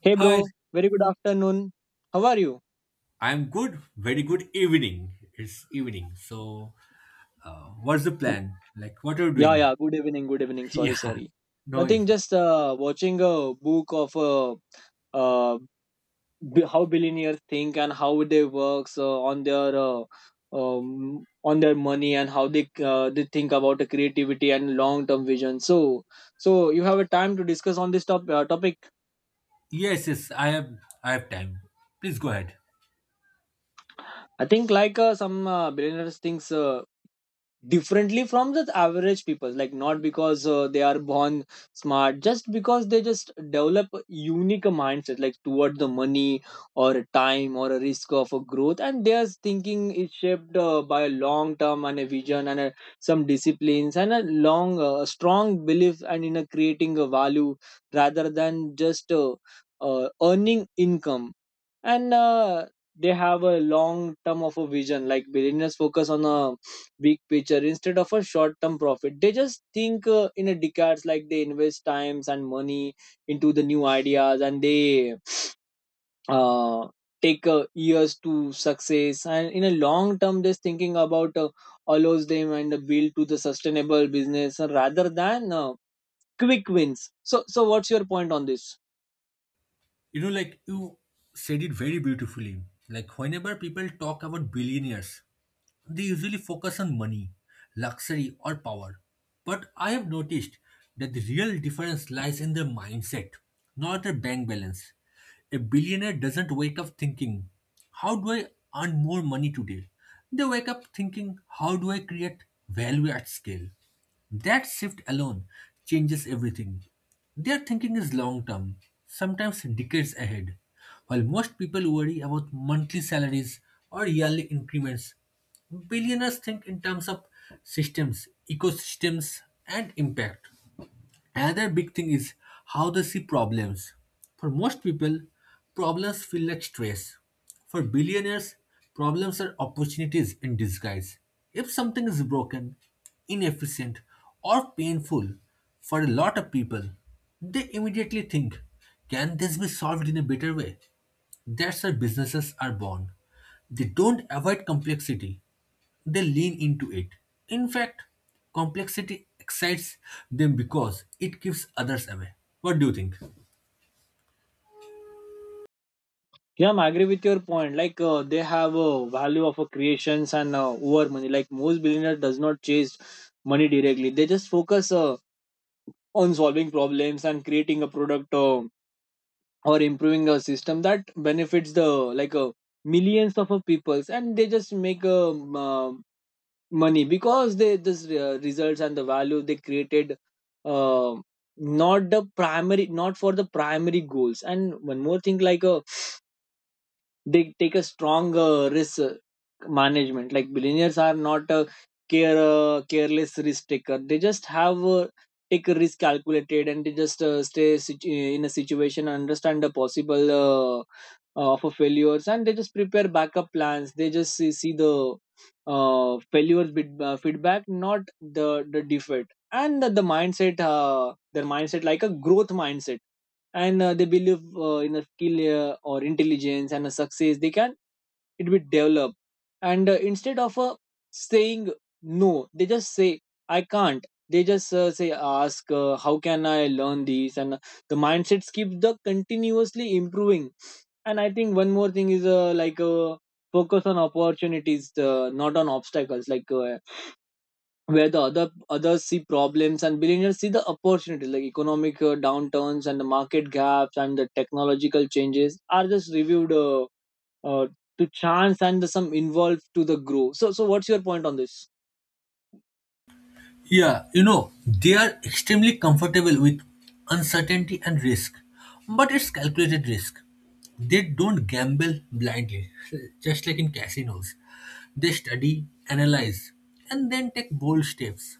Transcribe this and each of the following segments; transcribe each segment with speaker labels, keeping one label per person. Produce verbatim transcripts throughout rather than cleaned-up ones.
Speaker 1: Hey
Speaker 2: Hi,
Speaker 1: bro, very good afternoon. How are you?
Speaker 2: I'm good. Very good evening. It's evening. So, uh, what's the
Speaker 1: Y-
Speaker 2: plan? Like, what are you
Speaker 1: Yeah,
Speaker 2: doing?
Speaker 1: yeah, good evening, good evening. Sorry,
Speaker 2: Yeah,
Speaker 1: sorry.
Speaker 2: no
Speaker 1: Nothing,
Speaker 2: issues.
Speaker 1: just uh, watching a book of uh, uh, b- how billionaires think and how they works uh, on their uh, um, on their money, and how they uh, they think about the creativity and long term vision. So, so you have a time to discuss on this top, uh, topic.
Speaker 2: Yes, yes, I have, I have time. Please go ahead.
Speaker 1: I think like uh, some uh, billionaires thinks uh, differently from the average people, like not because uh, they are born smart, just because they just develop a unique mindset like toward the money or a time or a risk of a growth, and their thinking is shaped uh, by a long term and a vision and a, some disciplines, and a long uh, strong belief and in a creating a value rather than just uh, uh, earning income. And uh, they have a long term of a vision, like billionaires focus on a big picture instead of a short term profit. They just think uh, in a decades, like they invest times and money into the new ideas, and they uh, take uh, years to success, and in a long term just thinking about uh, allows them and build to the sustainable business uh, rather than uh, quick wins. So so what's your point on this?
Speaker 2: You know, like you said it very beautifully. Like whenever people talk about billionaires, they usually focus on money, luxury, or power. But I have noticed that the real difference lies in their mindset, not their bank balance. A billionaire doesn't wake up thinking, how do I earn more money today? They wake up thinking, how do I create value at scale? That shift alone changes everything. Their thinking is long term, sometimes decades ahead. While most people worry about monthly salaries or yearly increments, billionaires think in terms of systems, ecosystems, and impact. Another big thing is how they see problems. For most people, problems feel like stress. For billionaires, problems are opportunities in disguise. If something is broken, inefficient, or painful for a lot of people, they immediately think, can this be solved in a better way? That's where businesses are born. They don't avoid complexity, they lean into it. In fact, complexity excites them because it keeps others away. What do you think?
Speaker 1: Yeah, I agree with your point. Like uh, they have a value of a creations and uh, over money. Like most billionaire does not chase money directly. They just focus uh, on solving problems and creating a product uh, or improving a system that benefits the, like uh, millions of uh, peoples. And they just make uh, m- uh, money because they this uh, results and the value they created. Uh, Not the primary, not for the primary goals. And one more thing, like uh, they take a strong uh, risk uh, management, like billionaires are not a care uh, careless risk taker. They just have uh, take a risk calculated, and they just uh, stay situ- in a situation, understand the possible uh, uh, for failures, and they just prepare backup plans. They just see, see the uh, failures bit, uh, feedback, not the the defeat, and the, the mindset, uh, their mindset, like a growth mindset. And uh, they believe uh, in a skill uh, or intelligence, and a success they can it be developed. And uh, instead of uh, saying no, they just say I can't. They just uh, say ask uh, how can I learn this? And uh, the mindsets keep the continuously improving. And I think one more thing is uh, like uh, focus on opportunities, uh, not on obstacles, like uh, where the other others see problems and billionaires see the opportunities, like economic uh, downturns and the market gaps and the technological changes are just reviewed uh, uh, to chance and the some involved to the growth. so so what's your point on this?
Speaker 2: Yeah, you know, they are extremely comfortable with uncertainty and risk, but it's calculated risk. They don't gamble blindly, just like in casinos. They study, analyze, and then take bold steps.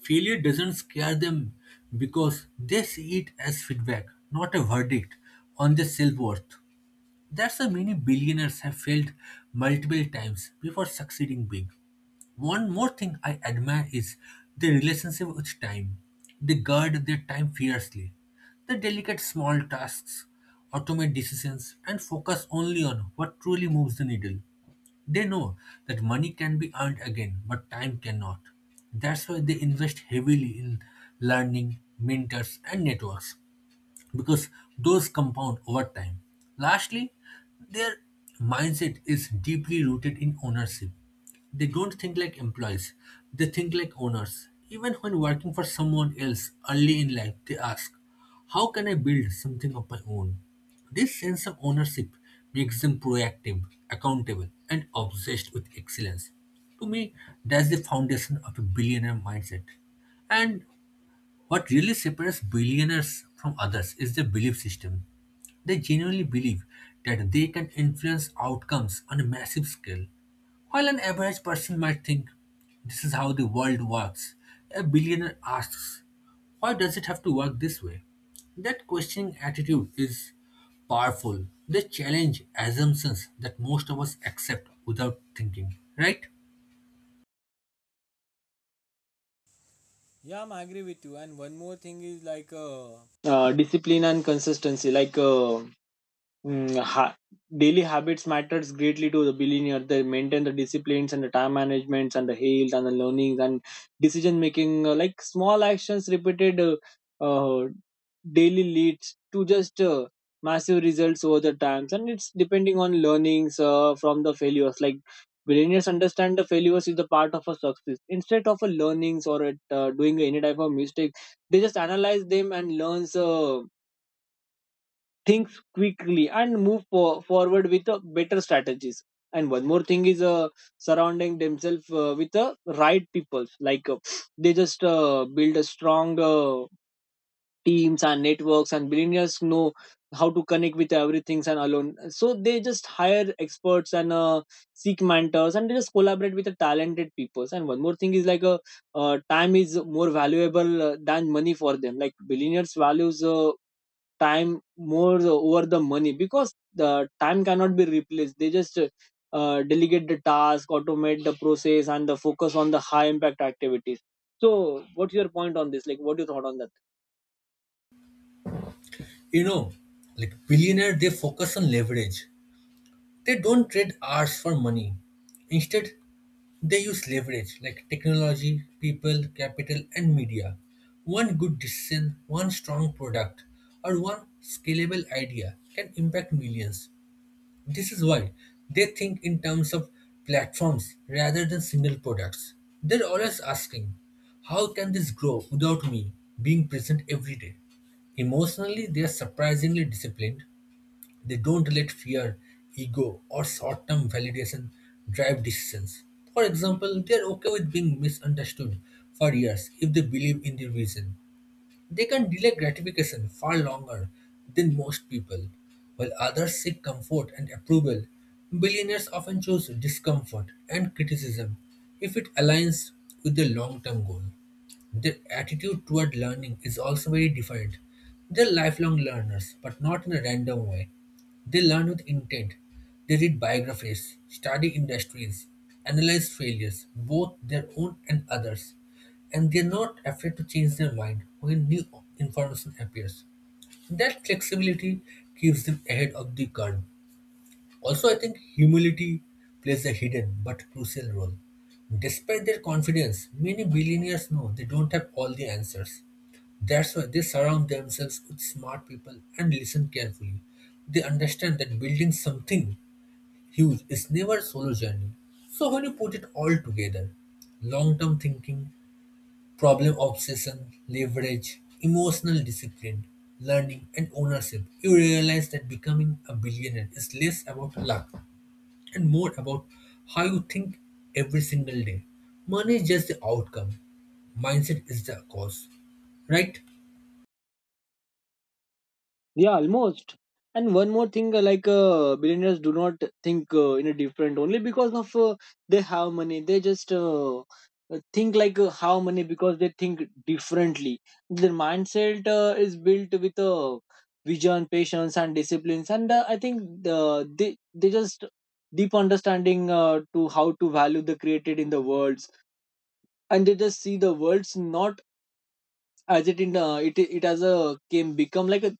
Speaker 2: Failure doesn't scare them because they see it as feedback, not a verdict on their self worth. That's why many billionaires have failed multiple times before succeeding big. One more thing I admire is their relationship with time. They guard their time fiercely. They delegate small tasks, automate decisions, and focus only on what truly moves the needle. They know that money can be earned again, but time cannot. That's why they invest heavily in learning, mentors, and networks because those compound over time. Lastly, their mindset is deeply rooted in ownership. They don't think like employees, they think like owners. Even when working for someone else early in life, they ask, how can I build something of my own? This sense of ownership makes them proactive, accountable, and obsessed with excellence. To me, that's the foundation of a billionaire mindset. And what really separates billionaires from others is their belief system. They genuinely believe that they can influence outcomes on a massive scale. While an average person might think, this is how the world works, a billionaire asks, why does it have to work this way? That questioning attitude is powerful. They challenge assumptions that most of us accept without thinking, right?
Speaker 1: Yeah, I'm agree with you. And one more thing is, like, uh, uh, discipline and consistency, like uh, Mm, ha- daily habits matters greatly to the billionaire. They maintain the disciplines and the time managements and the health and the learnings and decision making. Uh, like small actions repeated uh, uh, daily leads to just uh, massive results over the times. And it's depending on learnings uh, from the failures. Like billionaires understand the failures is the part of a success. Instead of a learnings or at, uh, doing any type of mistake, they just analyze them and learns Uh, things quickly, and move for, forward with uh, better strategies. And one more thing is uh, surrounding themselves uh, with the right people, like uh, they just uh, build a strong uh, teams and networks. And billionaires know how to connect with everything and alone, so they just hire experts and uh, seek mentors, and they just collaborate with the talented people. And one more thing is, like uh, uh, time is more valuable uh, than money for them. Like billionaires values uh, time more over the money, because the time cannot be replaced. They just uh, delegate the task, automate the process, and the focus on the high impact activities. So what's your point on this, like what do you thought on that?
Speaker 2: You know, like billionaire, they focus on leverage. They don't trade hours for money. Instead, they use leverage like technology, people, capital, and media. One good decision, one strong product, or one scalable idea can impact millions. This is why they think in terms of platforms rather than single products. They're always asking, how can this grow without me being present every day? Emotionally, they are surprisingly disciplined, they don't let fear, ego, or short term validation drive decisions. For example, they are okay with being misunderstood for years if they believe in the reason. They can delay gratification far longer than most people. While others seek comfort and approval, billionaires often choose discomfort and criticism if it aligns with their long term goal. Their attitude toward learning is also very defined. They're lifelong learners, but not in a random way. They learn with intent. They read biographies, study industries, analyze failures, both their own and others, and they're not afraid to change their mind when new information appears. That flexibility keeps them ahead of the curve. Also, I think humility plays a hidden but crucial role. Despite their confidence, many billionaires know they don't have all the answers. That's why they surround themselves with smart people and listen carefully. They understand that building something huge is never a solo journey. So when you put it all together, long-term thinking, problem obsession, leverage, emotional discipline, learning, and ownership, you realize that becoming a billionaire is less about luck and more about how you think every single day. Money is just the outcome, mindset is the cause, right?
Speaker 1: Yeah, almost. And one more thing, uh, like uh, billionaires do not think uh, in a different only because of uh, they have money. They just uh, uh, think like uh, how money, because they think differently. Their mindset uh, is built with uh, vision, patience, and disciplines. And uh, I think uh, they they just deep understanding uh, to how to value the created in the worlds, and they just see the worlds not as it in uh, it it as a came become like a,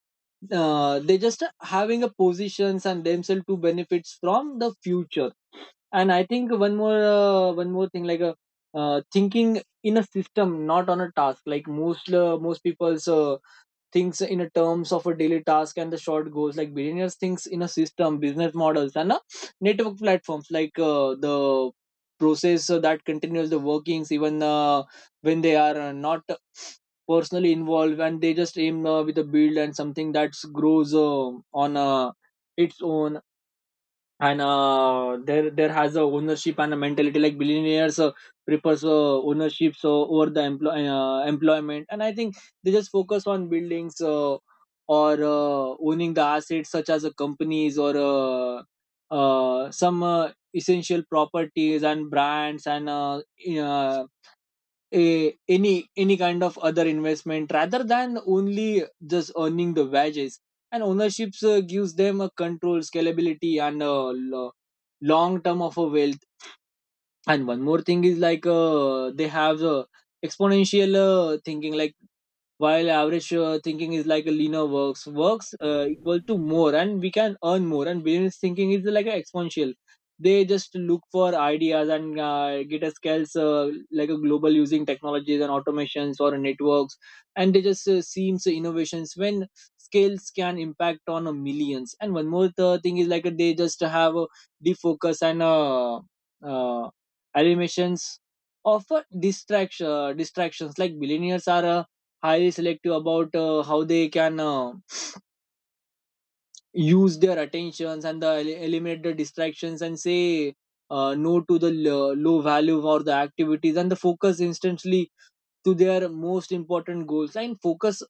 Speaker 1: uh, they just having a positions and themselves to benefits from the future. And I think one more uh, one more thing, like uh, uh, thinking in a system, not on a task, like most uh, most people's uh, thinks in a terms of a daily task and the short goals. Like billionaires thinks in a system business models and a network platforms, like uh, the process uh, that continues the workings even uh, when they are uh, not personally involved, and they just aim uh, with a build and something that grows uh, on uh, its own. And uh, there there has a ownership and a mentality, like billionaires uh, prefers uh, ownerships uh, over the employ uh, employment, and I think they just focus on buildings uh, or uh, owning the assets, such as uh, companies or uh, uh, some uh, essential properties and brands and uh, uh, a any any kind of other investment rather than only just earning the wages. And ownerships uh, gives them a control, scalability, and a lo- long term of a wealth. And one more thing is, like uh, they have uh, exponential uh, thinking, like while average uh, thinking is like a linear, works works uh, equal to more, and we can earn more, and business thinking is like an exponential. They just look for ideas and uh, get a scales uh, like a global using technologies and automations or networks. And they just uh, seems innovations when scales can impact on a millions. And one more th- thing is, like uh, they just have a defocus and uh, uh, animations of uh, distraction uh, distractions. Like billionaires are uh, highly selective about uh, how they can uh, use their attentions and the, eliminate the distractions and say uh, no to the l- low value or the activities, and the focus instantly to their most important goals. And focus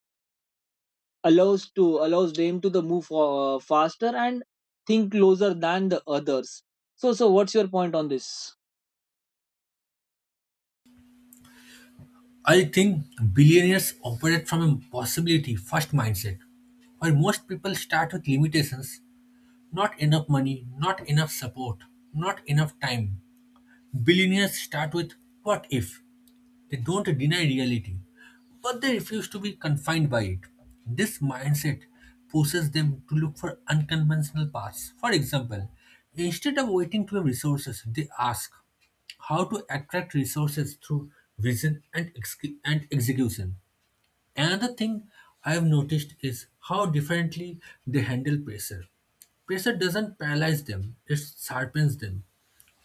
Speaker 1: allows to allows them to the move uh, faster and think closer than the others. So so what's your point on this?
Speaker 2: I think billionaires operate from a possibility first mindset, while most people start with limitations, not enough money, not enough support, not enough time. Billionaires start with what if. They don't deny reality, but they refuse to be confined by it. This mindset pushes them to look for unconventional paths. For example, instead of waiting to have resources, they ask how to attract resources through vision and, exec- and execution. Another thing I have noticed is how differently they handle pressure. Pressure doesn't paralyze them, it sharpens them.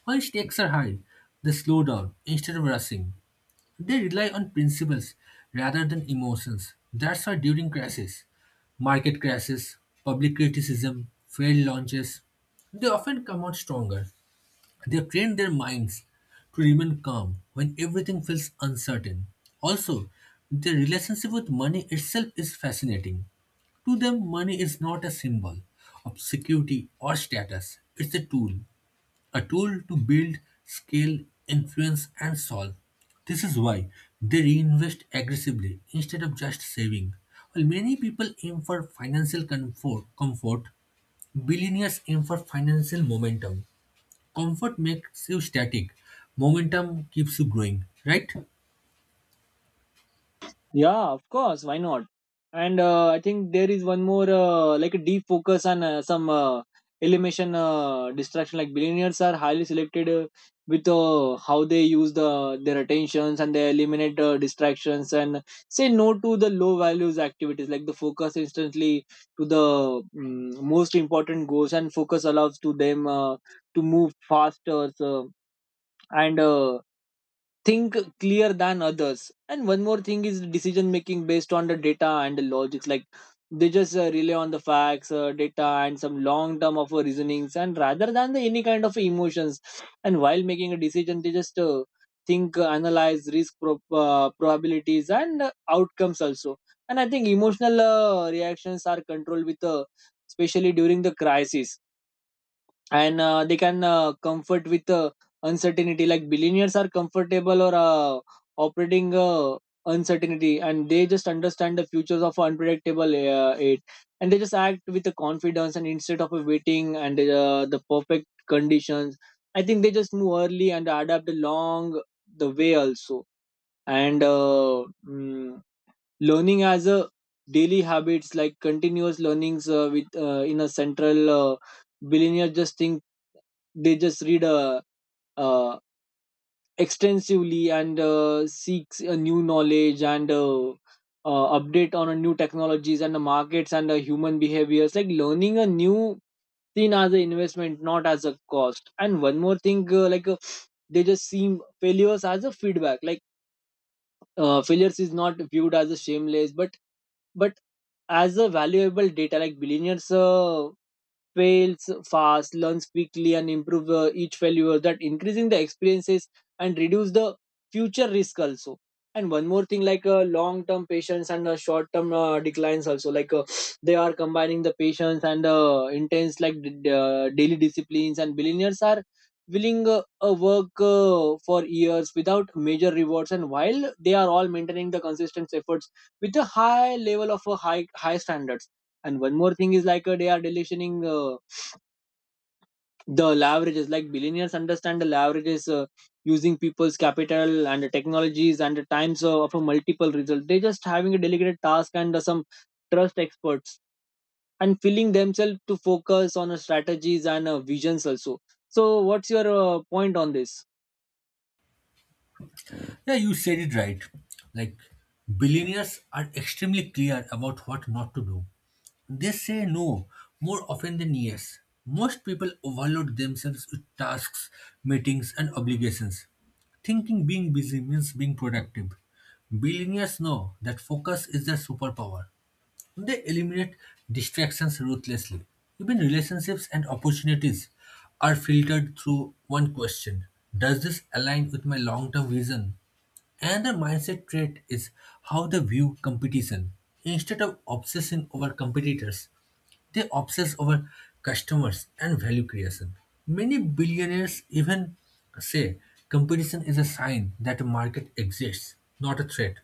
Speaker 2: When stakes are high, they slow down instead of rushing. They rely on principles rather than emotions. That's why during crashes, market crashes, public criticism, failed launches, they often come out stronger. They have trained their minds to remain calm when everything feels uncertain. Also, their relationship with money itself is fascinating. To them, money is not a symbol of security or status, it's a tool, a tool to build, scale, influence, and solve. This is why they reinvest aggressively instead of just saving. While many people aim for financial comfort, comfort, billionaires aim for financial momentum. Comfort makes you static, momentum keeps you growing, right?
Speaker 1: Yeah, of course. Why not? And uh, I think there is one more, uh, like a deep focus on uh, some uh, elimination uh, distraction. Like billionaires are highly selected uh, with uh, how they use the their attentions, and they eliminate uh, distractions and say no to the low values activities. Like the focus instantly to the mm, most important goals, and focus allows to them uh, to move faster, so, and uh, think clear than others. And one more thing is decision making based on the data and the logics, like they just uh, rely on the facts, uh, data, and some long term of uh, reasonings, and rather than the any kind of emotions. And while making a decision, they just uh, think, uh, analyze risk pro- uh, probabilities and uh, outcomes also. And I think emotional uh, reactions are controlled with, uh, especially during the crisis. And uh, they can uh, comfort with uh, uncertainty, like billionaires are comfortable or uh, operating uh, uncertainty, and they just understand the futures of unpredictable uh, it. And they just act with the confidence, and instead of waiting and uh, the perfect conditions. I think they just move early and adapt along the way also. And uh, mm, learning as a daily habits, like continuous learnings uh, with uh, in a central, uh, billionaire just thinks. They just read uh, uh, extensively and uh, seeks a new knowledge, and uh, uh, update on a new technologies and the markets and the human behaviors, like learning a new seen as an investment, not as a cost. And one more thing, uh, like uh, they just seem failures as a feedback, like uh, failures is not viewed as a shameless, but but as a valuable data. Like billionaires uh, fails fast, learns quickly, and improve uh, each failure, that increasing the experiences and reduce the future risk also. And one more thing, like uh, long term patience and uh, short term uh, declines also. Like uh, they are combining the patience and uh, intense, like d- d- uh, daily disciplines. And billionaires are willing uh, uh, work uh, for years without major rewards. And while they are all maintaining the consistent efforts with a high level of uh, high high standards. And one more thing is like uh, they are deletioning uh, the leverages. Like billionaires understand the leverages uh, using people's capital and the technologies and the times of, of a multiple result, they just having a delegated task and uh, some trust experts and feeling themselves to focus on uh, strategies and uh, visions also. So what's your uh, point on this?
Speaker 2: Yeah, you said it right. Like, billionaires are extremely clear about what not to do. They say no more often than yes. Most people overload themselves with tasks, meetings, and obligations, thinking being busy means being productive. Billionaires know that focus is their superpower. They eliminate distractions ruthlessly. Even relationships and opportunities are filtered through one question: does this align with my long term vision? Another mindset trait is how they view competition. Instead of obsessing over competitors, they obsess over customers and value creation. Many billionaires even say competition is a sign that a market exists, not a threat.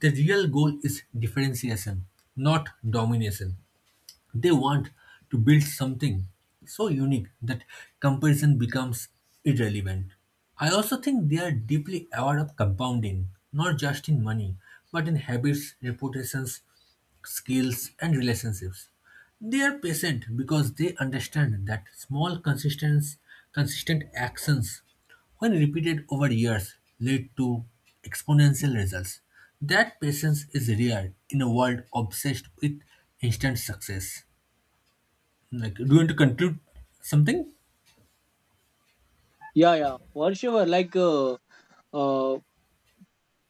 Speaker 2: The real goal is differentiation, not domination. They want to build something so unique that comparison becomes irrelevant. I also think they are deeply aware of compounding, not just in money, but in habits, reputations, skills, and relationships. They are patient because they understand that small consistent, consistent actions when repeated over years lead to exponential results. That patience is rare in a world obsessed with instant success. Like, do you want to conclude something?
Speaker 1: Yeah yeah for sure. like uh, uh,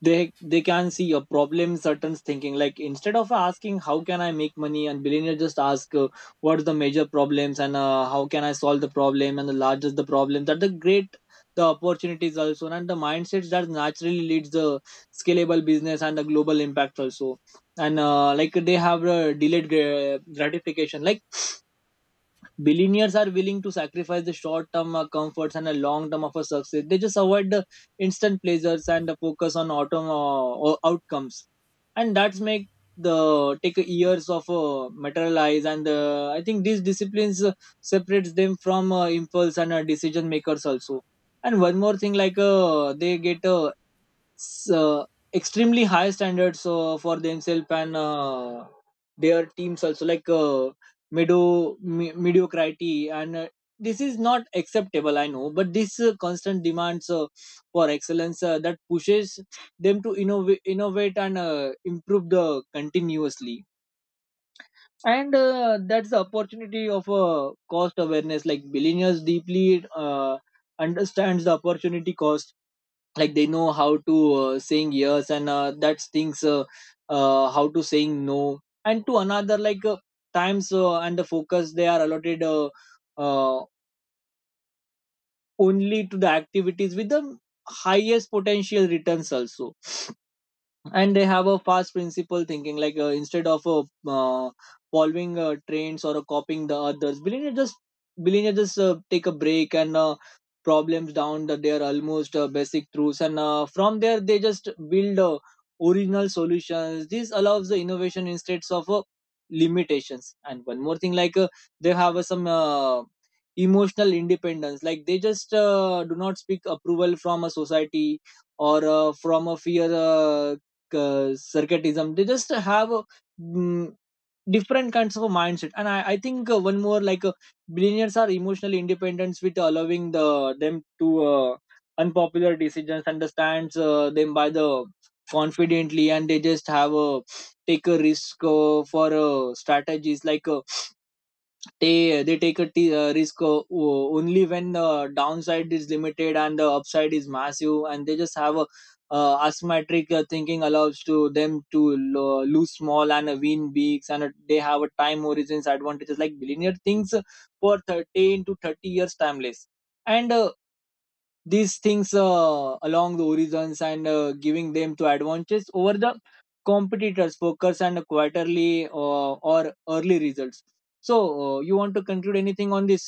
Speaker 1: they they can see a problem certain thinking, like instead of asking how can I make money, and billionaire just ask uh, what are the major problems, and uh, how can I solve the problem, and the largest the problem that the great the opportunities also. And the mindsets that naturally leads the scalable business and the global impact also. And uh, like they have uh, delayed gra- gratification. Like billionaires are willing to sacrifice the short term uh, comforts and a long term of a success. They just avoid the instant pleasures and the focus on autumn uh, outcomes, and that's make the take years of uh, materialize. And uh, I think these disciplines uh, separates them from uh, impulse and uh, decision makers also. And one more thing, like uh, they get uh, so extremely high standards uh, for themselves and uh, their teams also. like uh, medo- me- mediocrity and uh, this is not acceptable, I know, but this uh, constant demands uh, for excellence uh, that pushes them to innov- innovate and uh, improve the continuously. And uh, that's the opportunity of uh, cost awareness. Like billionaires deeply uh, understands the opportunity cost. Like they know how to uh, saying yes and uh, that's things uh, uh, how to saying no and to another. like uh, times uh, and the focus they are allotted uh, uh, only to the activities with the highest potential returns also. And they have a fast principle thinking, like uh, instead of uh, uh, following uh, trends or uh, copying the others, billionaires just billionaires just uh, take a break and uh, problems down the, their almost uh, basic truths, and uh, from there they just build uh, original solutions. This allows the innovation instead of uh, limitations. And one more thing, like uh, they have uh, some uh, emotional independence. Like they just uh, do not speak approval from a society or uh, from a fear uh, uh, circuitism. They just have uh, mm, different kinds of a mindset. And i, I think uh, one more, like uh, billionaires are emotionally independent with allowing the them to uh, unpopular decisions, understands uh, them by the confidently. And they just have a take a risk uh, for uh, strategies. like uh, they they take a t- uh, risk uh, o- only when the downside is limited and the upside is massive. And they just have a uh, asymmetric uh, thinking allows to them to lo- lose small and uh, win bigs. And uh, they have a time horizons advantages. Like billionaire things for thirteen to thirty years timeless. And uh, these things uh, along the horizons and uh, giving them to advantages over the competitors focus and quarterly uh, or early results. So uh, you want to conclude anything on this?